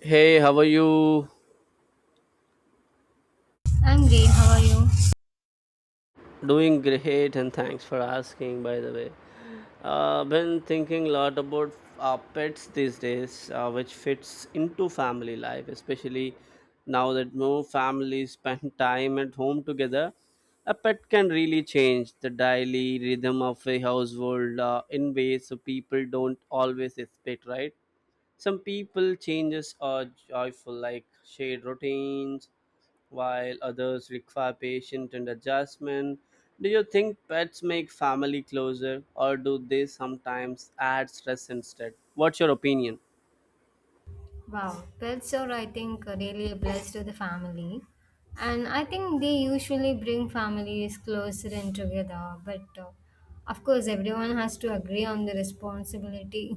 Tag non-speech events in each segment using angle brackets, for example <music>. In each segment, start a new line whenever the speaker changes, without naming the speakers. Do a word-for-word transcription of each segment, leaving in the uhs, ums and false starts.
Hey, how are you?
I'm great. How are you?
Doing great, and thanks for asking. By the way, uh, been thinking a lot about uh, pets these days, uh, which fits into family life, especially now that more families spend <laughs> time at home together. A pet can really change the daily rhythm of a household uh, in ways so people don't always expect, right? Some people changes are joyful, like shared routines while others require patience and adjustment. Do you think pets make family closer or do they sometimes add stress instead? What's your opinion?
Wow, pets are, I think, uh, really a blessed to the family. And I think they usually bring families closer and together. But uh, of course, everyone has to agree on the responsibility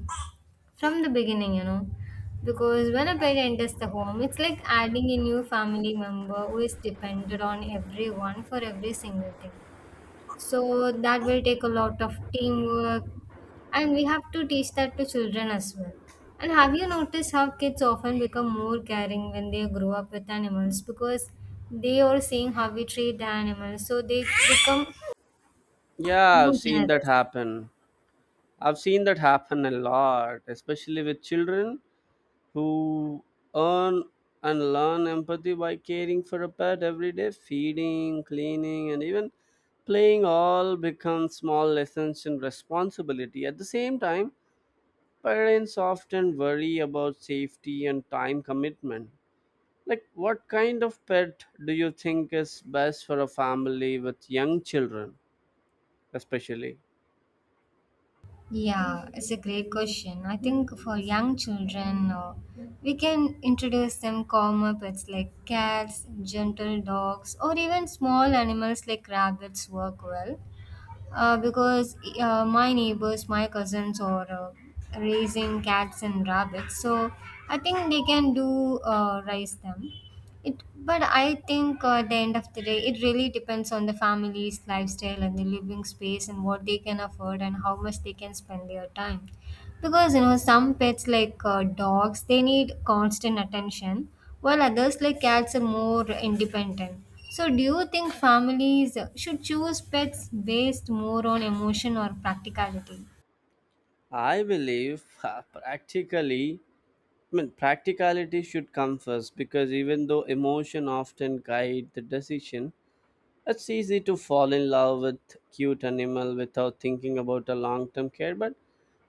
from the beginning, you know. Because when a pet enters the home, it's like adding a new family member who is dependent on everyone for every single thing. So that will take a lot of teamwork, and we have to teach that to children as well. And have you noticed how kids often become more caring when they grow up with animals, because they are seeing how we treat the animals, so they become
Yeah, I've
more
seen that
generous.
happen. I've seen that happen a lot, especially with children who earn and learn empathy by caring for a pet every day, feeding, cleaning, and even playing all become small lessons in responsibility. At the same time, parents often worry about safety and time commitment. Like, what kind of pet do you think is best for a family with young children, especially?
Yeah, it's a great question. I think for young children, uh, we can introduce them calmer pets like cats, gentle dogs, or even small animals like rabbits work well uh, because uh, my neighbors, my cousins, are uh, raising cats and rabbits, so I think they can do uh, raise them. It, but I think uh, at the end of the day, it really depends on the family's lifestyle and the living space and what they can afford and how much they can spend their time. Because you know, some pets like uh, dogs, they need constant attention, while others like cats are more independent. So, do you think families should choose pets based more on emotion or practicality?
I believe uh, practically, I mean, practicality should come first because even though emotion often guide the decision, it's easy to fall in love with cute animal without thinking about a long-term care, but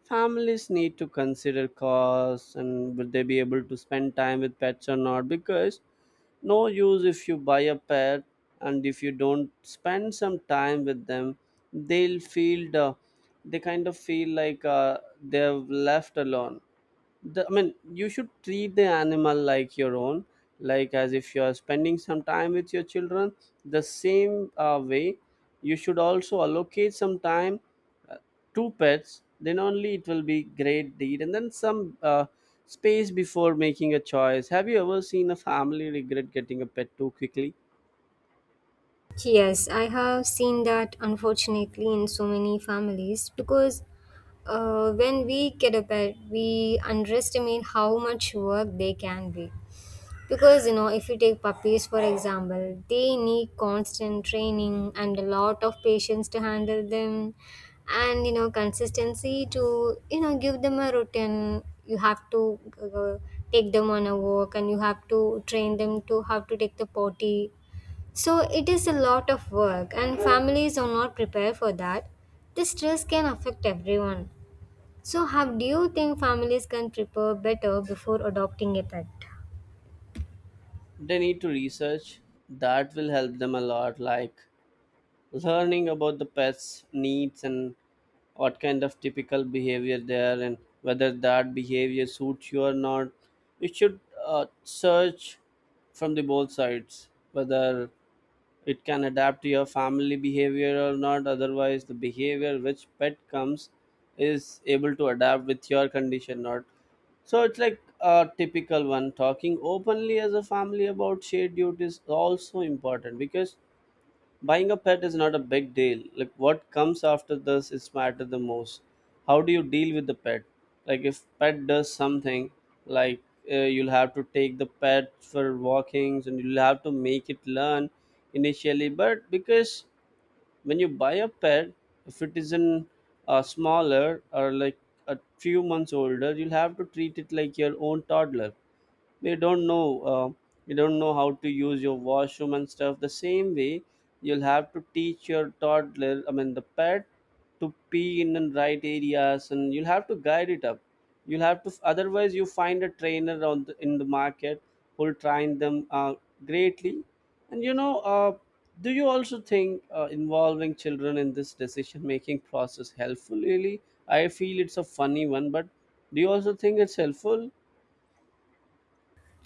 families need to consider costs and would they be able to spend time with pets or not because no use if you buy a pet and if you don't spend some time with them they'll feel the, they kind of feel like uh, they've left alone the, I mean, you should treat the animal like your own, like as if you are spending some time with your children. The same uh, way, you should also allocate some time uh, to pets. Then only it will be great deed, and then some uh, space before making a choice. Have you ever seen a family regret getting a pet too quickly?
Yes, I have seen that, unfortunately, in so many families because uh, when we get a pet, we underestimate how much work they can be. Because you know, if you take puppies for example, they need constant training and a lot of patience to handle them, and you know, consistency to, you know, give them a routine. You have to uh, take them on a walk, and you have to train them to how to take the potty, so it is a lot of work, and families are not prepared for that. This stress can affect everyone. So, how do you think families can prepare better before adopting a pet?
They need to research. That will help them a lot, like learning about the pet's needs and what kind of typical behavior there and whether that behavior suits you or not you should uh, search from the both sides whether it can adapt to your family behavior or not, otherwise the behavior which pet comes is able to adapt with your condition not, so it's like a typical one. Talking openly as a family about shared duties is also important because buying a pet is not a big deal. Like what comes after this is matter the most. How do you deal with the pet? Like if pet does something, like uh, You'll have to take the pet for walkings and you'll have to make it learn initially. But because when you buy a pet, if it isn't uh, smaller or like a few months older, you'll have to treat it like your own toddler. We don't know uh, you don't know how to use your washroom and stuff. The same way you'll have to teach your toddler, I mean the pet, to pee in the right areas and you'll have to guide it up. You'll have to, otherwise you find a trainer on the, in the market who'll train them uh, greatly. And you know uh, do you also think uh, involving children in this decision making process helpful really? I feel it's a funny one, but do you also think it's helpful?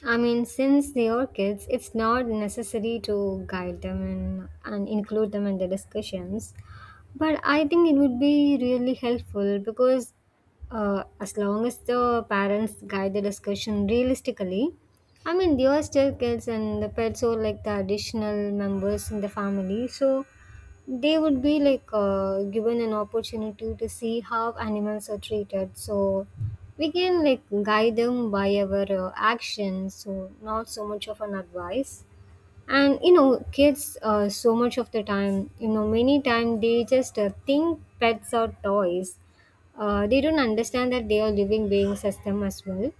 I mean, since they are kids, it's not necessary to guide them in, and include them in the discussions. But I think it would be really helpful because uh, as long as the parents guide the discussion realistically, I mean, they are still kids and the pets are like the additional members in the family. So they would be like uh, given an opportunity to see how animals are treated. So we can like guide them by our uh, actions, so not so much of an advice. And you know, kids, uh, so much of the time, you know, many time they just uh, think pets are toys. Uh, they don't understand that they are living beings as them as well.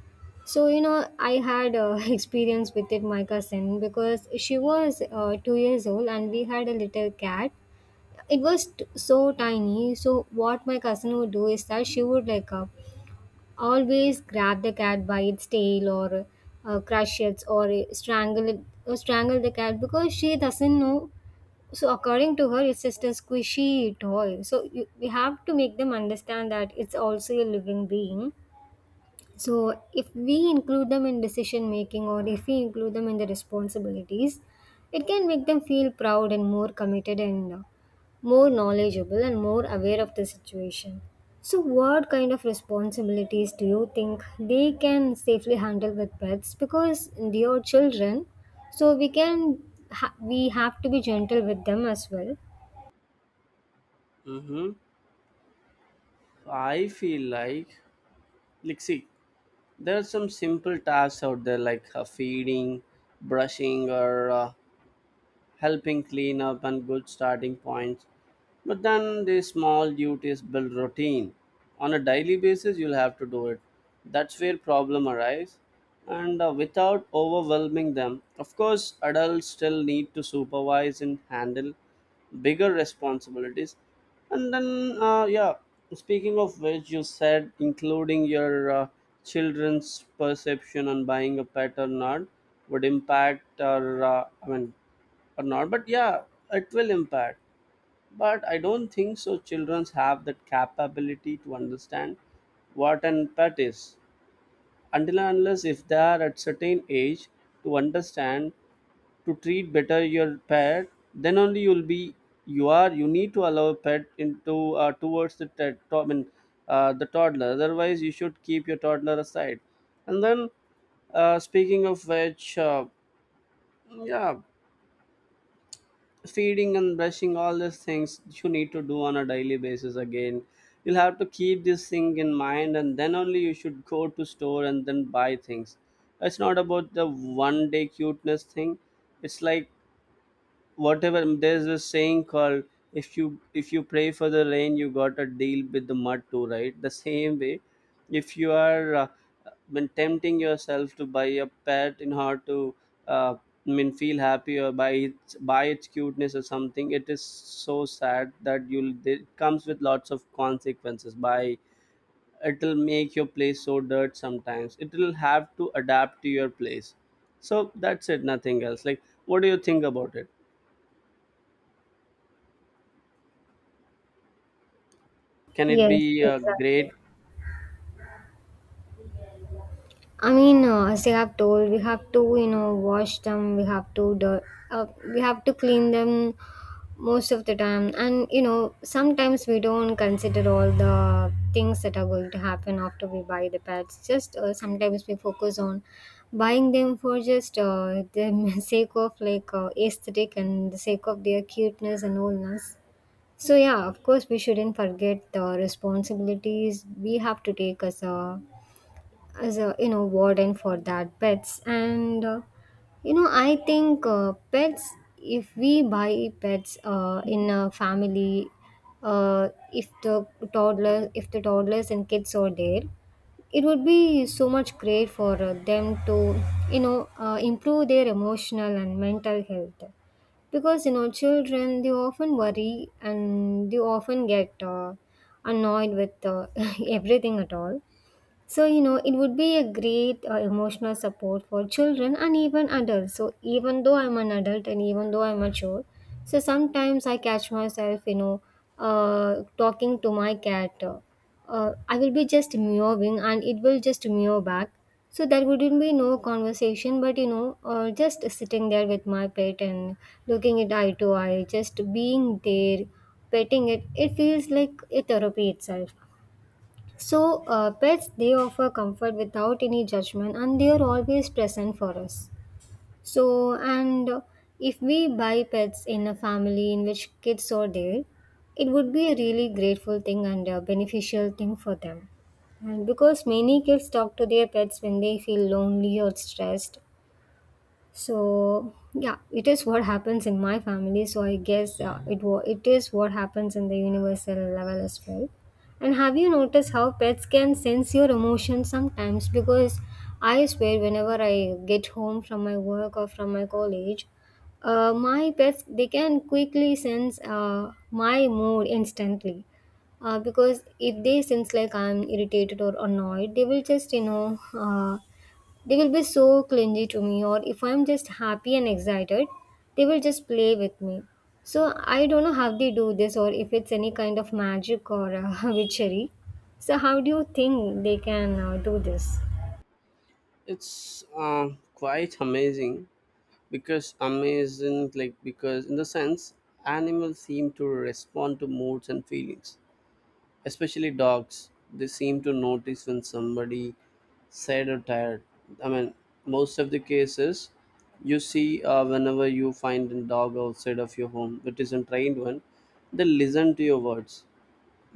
So, you know, I had uh, <laughs> experience with it, my cousin, because she was uh, two years old and we had a little cat. it was t- so tiny, so what my cousin would do is that she would like uh, always grab the cat by its tail, or uh, crush it or strangle it, or strangle the cat because she doesn't know. So according to her, it's just a squishy toy. so you, we have to make them understand that it's also a living being. So, if we include them in decision making, or if we include them in the responsibilities, it can make them feel proud and more committed and uh, more knowledgeable and more aware of the situation. So, what kind of responsibilities do you think they can safely handle with pets? Because they are children, so we can ha- we have to be gentle with them as well.
Mm-hmm. I feel like, like, see, there are some simple tasks out there like uh, feeding, brushing, or uh, helping clean up and good starting points. But then these small duties build routine. On a daily basis, you'll have to do it. That's where problem arise. And uh, without overwhelming them, of course, adults still need to supervise and handle bigger responsibilities. And then, uh, yeah, speaking of which, you said including your uh, children's perception on buying a pet or not would impact, or uh, I mean or not, but yeah it will impact. But I don't think so children have that capability to understand what an pet is, until and unless if they are at certain age to understand, to treat better your pet. Then only you'll be you are you need to allow pet into uh, towards the te- to, I mean, uh, the toddler, otherwise you should keep your toddler aside. And then, uh, speaking of which, uh, yeah, feeding and brushing all these things you need to do on a daily basis again. You'll have to keep this thing in mind and then only you should go to store and then buy things. It's not about the one day cuteness thing. It's like, whatever, there's a saying called, if you if you pray for the rain you got a deal with the mud too, right? The same way, if you are uh, been tempting yourself to buy a pet in order to uh, I mean feel happy or buy its buy its cuteness or something, it is so sad that you'll it comes with lots of consequences by. It'll make your place so dirt sometimes, it'll have to adapt to your place. So that's it, nothing else. Like what do you think about it? Can it
Yes,
be uh,
exactly.
great?
I mean, uh, as you have told, we have to, you know, wash them. We have to, do- uh, we have to clean them most of the time. And you know, sometimes we don't consider all the things that are going to happen after we buy the pets. Just uh, sometimes we focus on buying them for just uh, the <laughs> sake of like uh, aesthetic and the sake of their cuteness and allness. So yeah, of course, we shouldn't forget the responsibilities we have to take as a as a you know, warden for that pets. And uh, you know i think uh, pets, if we buy pets uh, in a family, uh, if the toddlers if the toddlers and kids are there, it would be so much great for uh, them to, you know, uh, improve their emotional and mental health, because you know, children they often worry and they often get uh, annoyed with uh, <laughs> everything at all. So, you know, it would be a great uh, emotional support for children and even adults. So, even though I'm an adult and even though I'm mature, so sometimes I catch myself, you know, uh, talking to my cat. Uh, uh, I will be just meowing and it will just meow back. So, there wouldn't be no conversation, but you know, uh, just sitting there with my pet and looking it eye to eye, just being there, petting it, it feels like a therapy itself. So, uh, pets they offer comfort without any judgment and they are always present for us. So, and uh, if we buy pets in a family in which kids are there, it would be a really grateful thing and a beneficial thing for them. And because many kids talk to their pets when they feel lonely or stressed, so yeah, it is what happens in my family. So I guess uh, it wa- it is what happens in the universal level as well. And have you noticed how pets can sense your emotions sometimes? Because I swear, whenever I get home from my work or from my college, uh, my pets they can quickly sense uh, my mood instantly, uh, because if they sense like I'm irritated or annoyed, they will just, you know, uh, they will be so clingy to me, or if I'm just happy and excited, they will just play with me. So I don't know how they do this, or if it's any kind of magic or uh, <laughs> witchery. So, how do you think they can uh, do this?
It's uh, quite amazing because amazing, like because in the sense animals seem to respond to moods and feelings, especially dogs. They seem to notice when somebody sad or tired. I mean, most of the cases you see uh, whenever you find a dog outside of your home, which is a trained one, they listen to your words.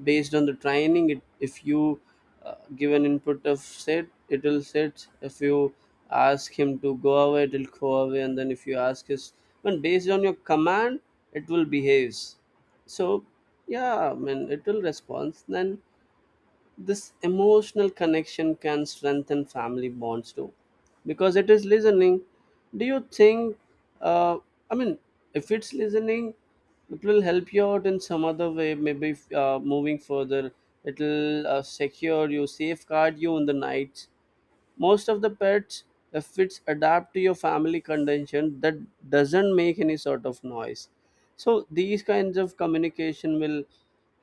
Based on the training it, if you uh, give an input of set it will set, if you ask him to go away it will go away, and then if you ask his when, based on your command it will behaves. So yeah, I mean it will respond then. This emotional connection can strengthen family bonds too, because it is listening. Do you think uh, I mean, if it's listening, it will help you out in some other way. Maybe uh, moving further, it will uh, secure you, safeguard you in the nights. Most of the pets, if it's adapt to your family condition, that doesn't make any sort of noise. So these kinds of communication will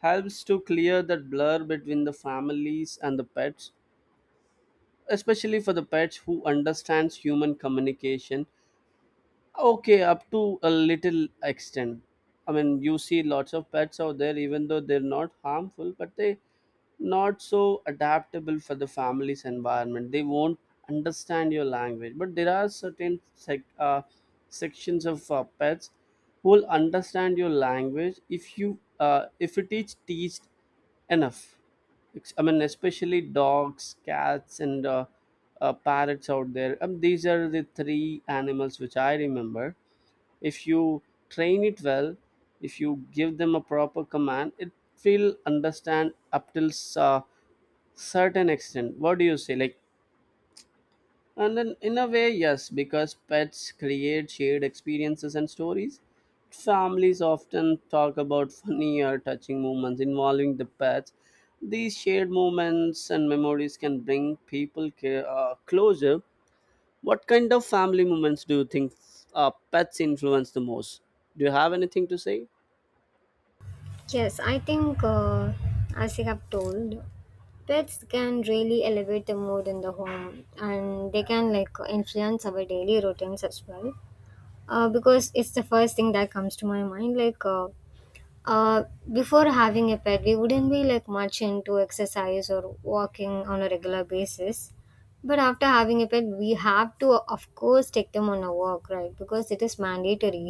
helps to clear that blur between the families and the pets, especially for the pets who understands human communication. Okay, up to a little extent. I mean, you see lots of pets out there, even though they're not harmful, but they not so adaptable for the family's environment. They won't understand your language. But there are certain sec- uh, sections of uh, pets who will understand your language if you uh, if it is teached enough. Ex- I mean, especially dogs, cats, and uh, uh, parrots out there. Um, these are the three animals which I remember. If you train it well, if you give them a proper command, it will understand up till s- uh, certain extent. What do you say? Like, and then, in a way, yes, because pets create shared experiences and stories. Families often talk about funny or touching moments involving the pets. These shared moments and memories can bring people ca- uh, closer. What kind of family moments do you think uh, pets influence the most? Do you have anything to say?
Yes, I think, uh, as you have told, pets can really elevate the mood in the home and they can like influence our daily routines as well. Uh, because it's the first thing that comes to my mind like, uh, Uh, before having a pet, we wouldn't be like much into exercise or walking on a regular basis. But after having a pet, we have to, of course, take them on a walk, right? Because it is mandatory.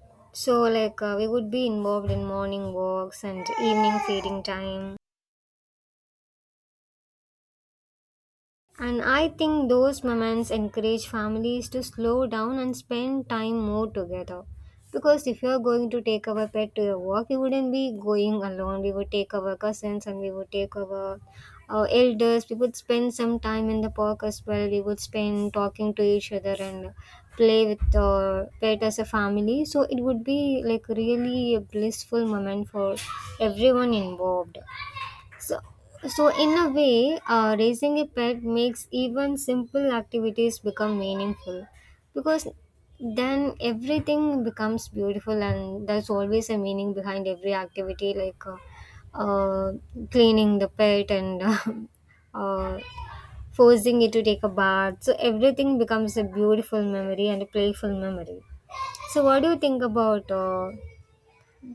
<laughs> So, like, uh, we would be involved in morning walks and evening feeding time. And I think those moments encourage families to slow down and spend time more together. Because if you're going to take our pet to a walk, we wouldn't be going alone. We would take our cousins and we would take our uh, elders. We would spend some time in the park as well. We would spend talking to each other and play with the pet as a family. So it would be like really a blissful moment for everyone involved. So, so in a way, uh, raising a pet makes even simple activities become meaningful, because then everything becomes beautiful and there's always a meaning behind every activity like uh, uh, cleaning the pet and <laughs> uh, forcing it to take a bath. So everything becomes a beautiful memory and a playful memory. So what do you think about uh,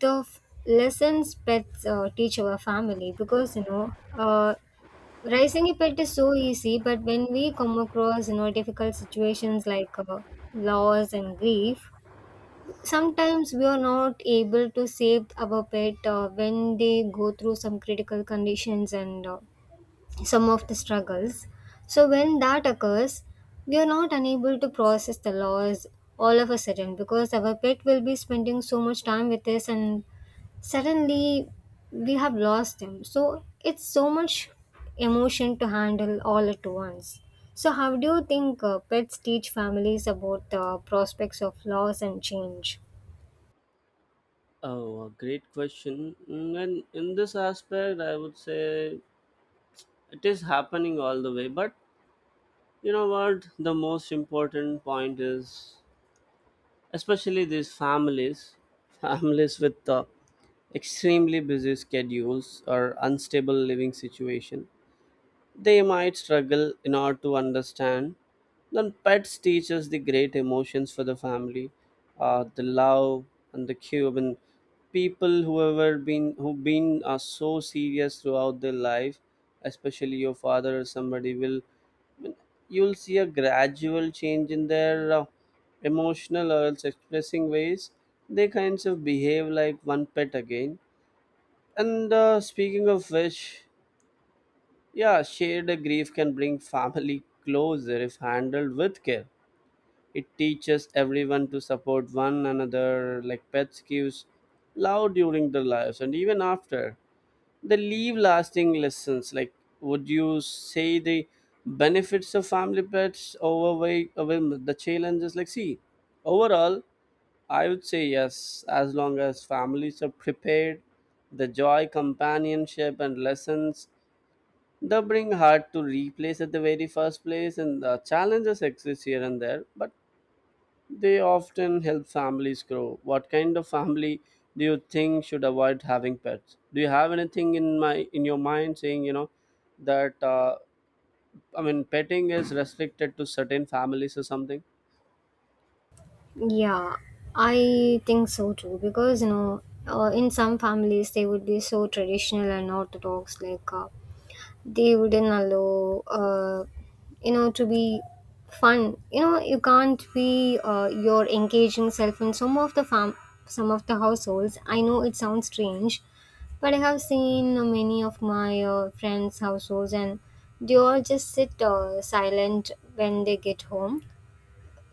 the f- lessons pets uh, teach our family? Because you know, uh, raising a pet is so easy, but when we come across, you know, difficult situations like uh, loss and grief, sometimes we are not able to save our pet uh, when they go through some critical conditions and uh, some of the struggles. So, when that occurs, we are not unable to process the loss all of a sudden because our pet will be spending so much time with us and suddenly we have lost them. So, it's so much emotion to handle all at once. So, how do you think uh, pets teach families about the prospects of loss and change?
Oh, a great question. Mm, and in this aspect, I would say it is happening all the way, but you know what? The most important point is, especially these families, <laughs> families with uh, extremely busy schedules or unstable living situation, they might struggle in order to understand. Then pets teach us the great emotions for the family, uh, the love and the care. And people who ever been who've been are so serious throughout their life, especially your father or somebody will, you'll see a gradual change in their uh, emotional or else expressing ways. They kinds of behave like one pet again. And uh, speaking of which, yeah, shared grief can bring family <laughs> closer if handled with care. It teaches everyone to support one another, like pets gives love during their lives and even after. They leave lasting lessons. Like, would you say the benefits of family pets overweigh overwhelm the challenges? Like, see, overall, I would say yes, as long as families are prepared, the joy, companionship, and lessons they bring hard to replace at the very first place, and the challenges exist here and there, but they often help families grow. What kind of family do you think should avoid having pets? Do you have anything in my in your mind saying, you know, that uh, I mean petting is restricted to certain families or something?
Yeah, I think so too. Because you know, uh, in some families they would be so traditional and orthodox, like uh, they wouldn't allow, uh, you know, to be fun. You know, you can't be uh, your engaging self in some of the fam, some of the households. I know it sounds strange, but I have seen uh, many of my uh, friends' households, and they all just sit uh, silent when they get home.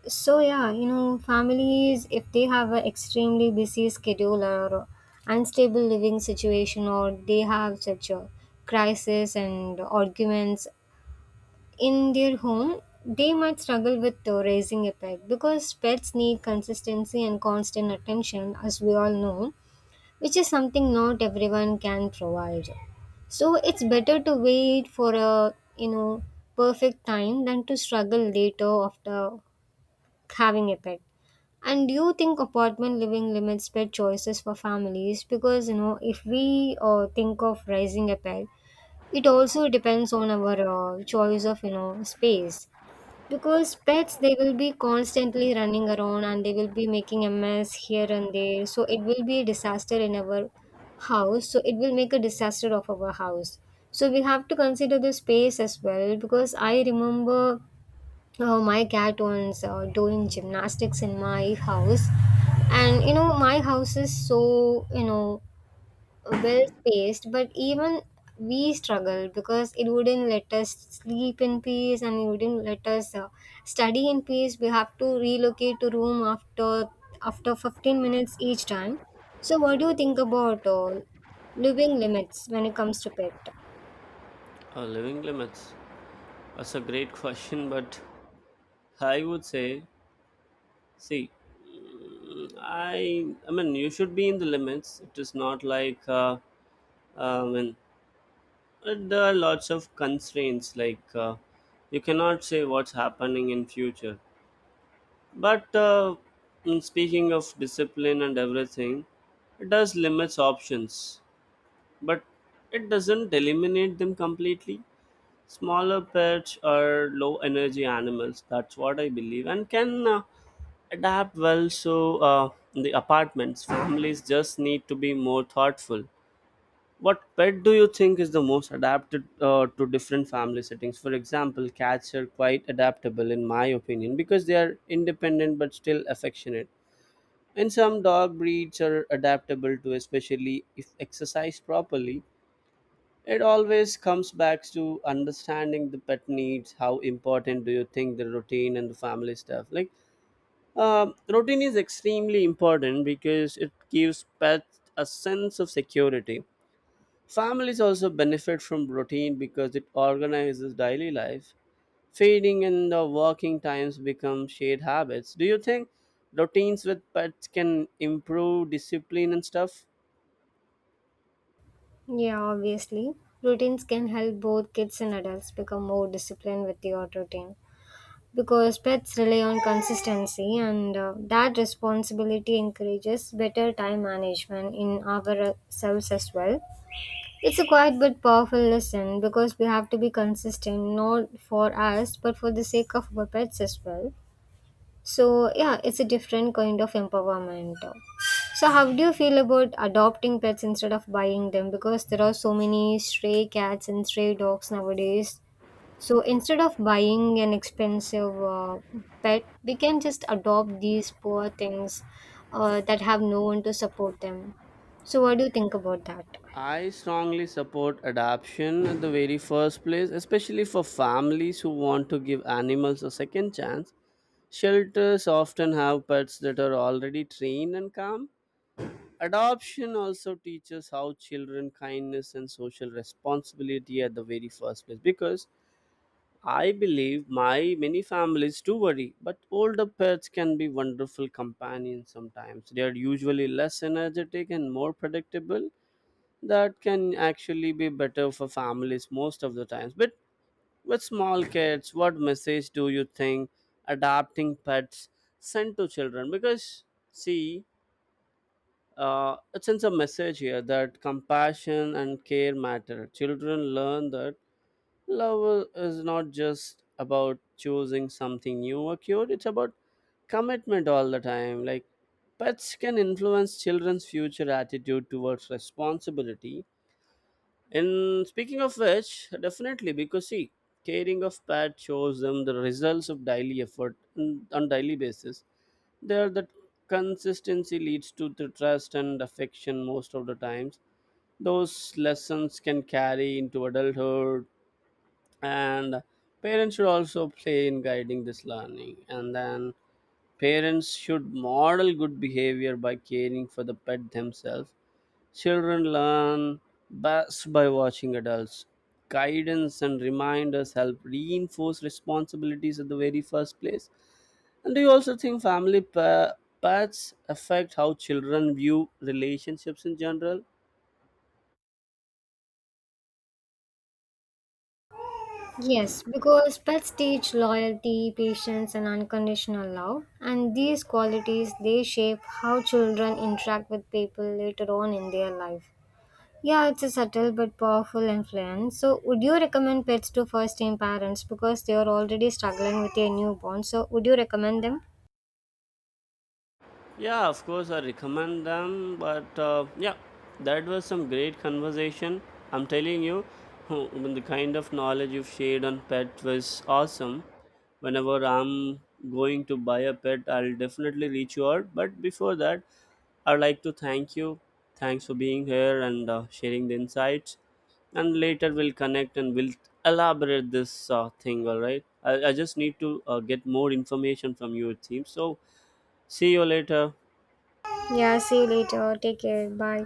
So yeah, you know, families if they have an extremely busy schedule or unstable living situation, or they have such a crisis and arguments in their home, they might struggle with uh, raising a pet because pets need consistency and constant attention as we all know, which is something not everyone can provide. So it's better to wait for a, you know, perfect time than to struggle later after having a pet. And do you think apartment living limits pet choices for families? Because you know, if we uh, think of raising a pet, it also depends on our uh, choice of, you know, space. Because pets, they will be constantly running around and they will be making a mess here and there. So it will be a disaster in our house. So it will make a disaster of our house. So we have to consider the space as well. Because I remember, oh, my cat was uh, doing gymnastics in my house, and you know, my house is so, you know, well spaced, but even we struggle because it wouldn't let us sleep in peace and it wouldn't let us uh, study in peace. We have to relocate to room after after fifteen minutes each time. So, what do you think about uh, living limits when it comes to pet?
Uh, living limits. That's a great <laughs> question, but I would say, see, mm, I I mean you should be in the limits. It is not like uh, uh, I mean uh, there are lots of constraints like. Uh, you cannot say what's happening in future. But uh, mm, speaking of discipline and everything, it does limits options, but it doesn't eliminate them completely. Smaller pets are low energy animals. That's what I believe, and can uh, adapt well. So uh, the apartments families just need to be more thoughtful. What pet do you think is the most adapted uh, to different family settings? For example, cats are quite adaptable, in my opinion, because they are independent but still affectionate. And some dog breeds are adaptable to, especially if exercised properly. It always comes back to understanding the pet needs. How important do you think the routine and the family stuff? Like, um, routine is extremely important because it gives pets a sense of security. Families also benefit from routine because it organizes daily life. Feeding and the working times become shared habits. Do you think routines with pets can improve discipline and stuff?
Yeah, obviously. Routines can help both kids and adults become more disciplined with the routine because pets rely on consistency, and uh, that responsibility encourages better time management in ourselves as well. It's a quiet but powerful lesson because we have to be consistent not for us but for the sake of our pets as well. So, yeah, it's a different kind of empowerment. So, how do you feel about adopting pets instead of buying them? Because there are so many stray cats and stray dogs nowadays. So, instead of buying an expensive uh, pet, we can just adopt these poor things uh, that have no one to support them. So, what do you think about that?
I strongly support adoption at the very first place, especially for families who want to give animals a second chance. Shelters often have pets that are already trained and calm. Adoption also teaches how children kindness and social responsibility at the very first place, because I believe my many families do worry, but older pets can be wonderful companions. Sometimes they are usually less energetic and more predictable. That can actually be better for families most of the times, but with small kids, what message do you think adopting pets send to children? Because see, uh, it sends a message here that compassion and care matter. Children learn that love is not just about choosing something new or cute, it's about commitment all the time. Like, pets can influence children's future attitude towards responsibility. And speaking of which, definitely, because see, caring of pet shows them the results of daily effort on on daily basis, there that consistency leads to the trust and affection most of the times. Those lessons can carry into adulthood. And parents should also play in guiding this learning. And then parents should model good behavior by caring for the pet themselves. Children learn best by watching adults. Guidance and reminders help reinforce responsibilities at the very first place. And do you also think family pa- pets affect how children view relationships in general?
Yes, because pets teach loyalty, patience, and unconditional love, and these qualities they shape how children interact with people later on in their life. Yeah, it's a subtle but powerful influence. So, would you recommend pets to first-time parents because they are already struggling with their newborn? So, would you recommend them?
Yeah, of course, I recommend them. But uh, yeah, that was some great conversation. I'm telling you, <laughs> the kind of knowledge you've shared on pet was awesome. Whenever I'm going to buy a pet, I'll definitely reach you out. But before that, I'd like to thank you. Thanks for being here and uh, sharing the insights. And later we'll connect and we'll elaborate this uh, thing, all right? I, I just need to uh, get more information from you, it seems. So, see you later.
Yeah, see you later. Take care. Bye.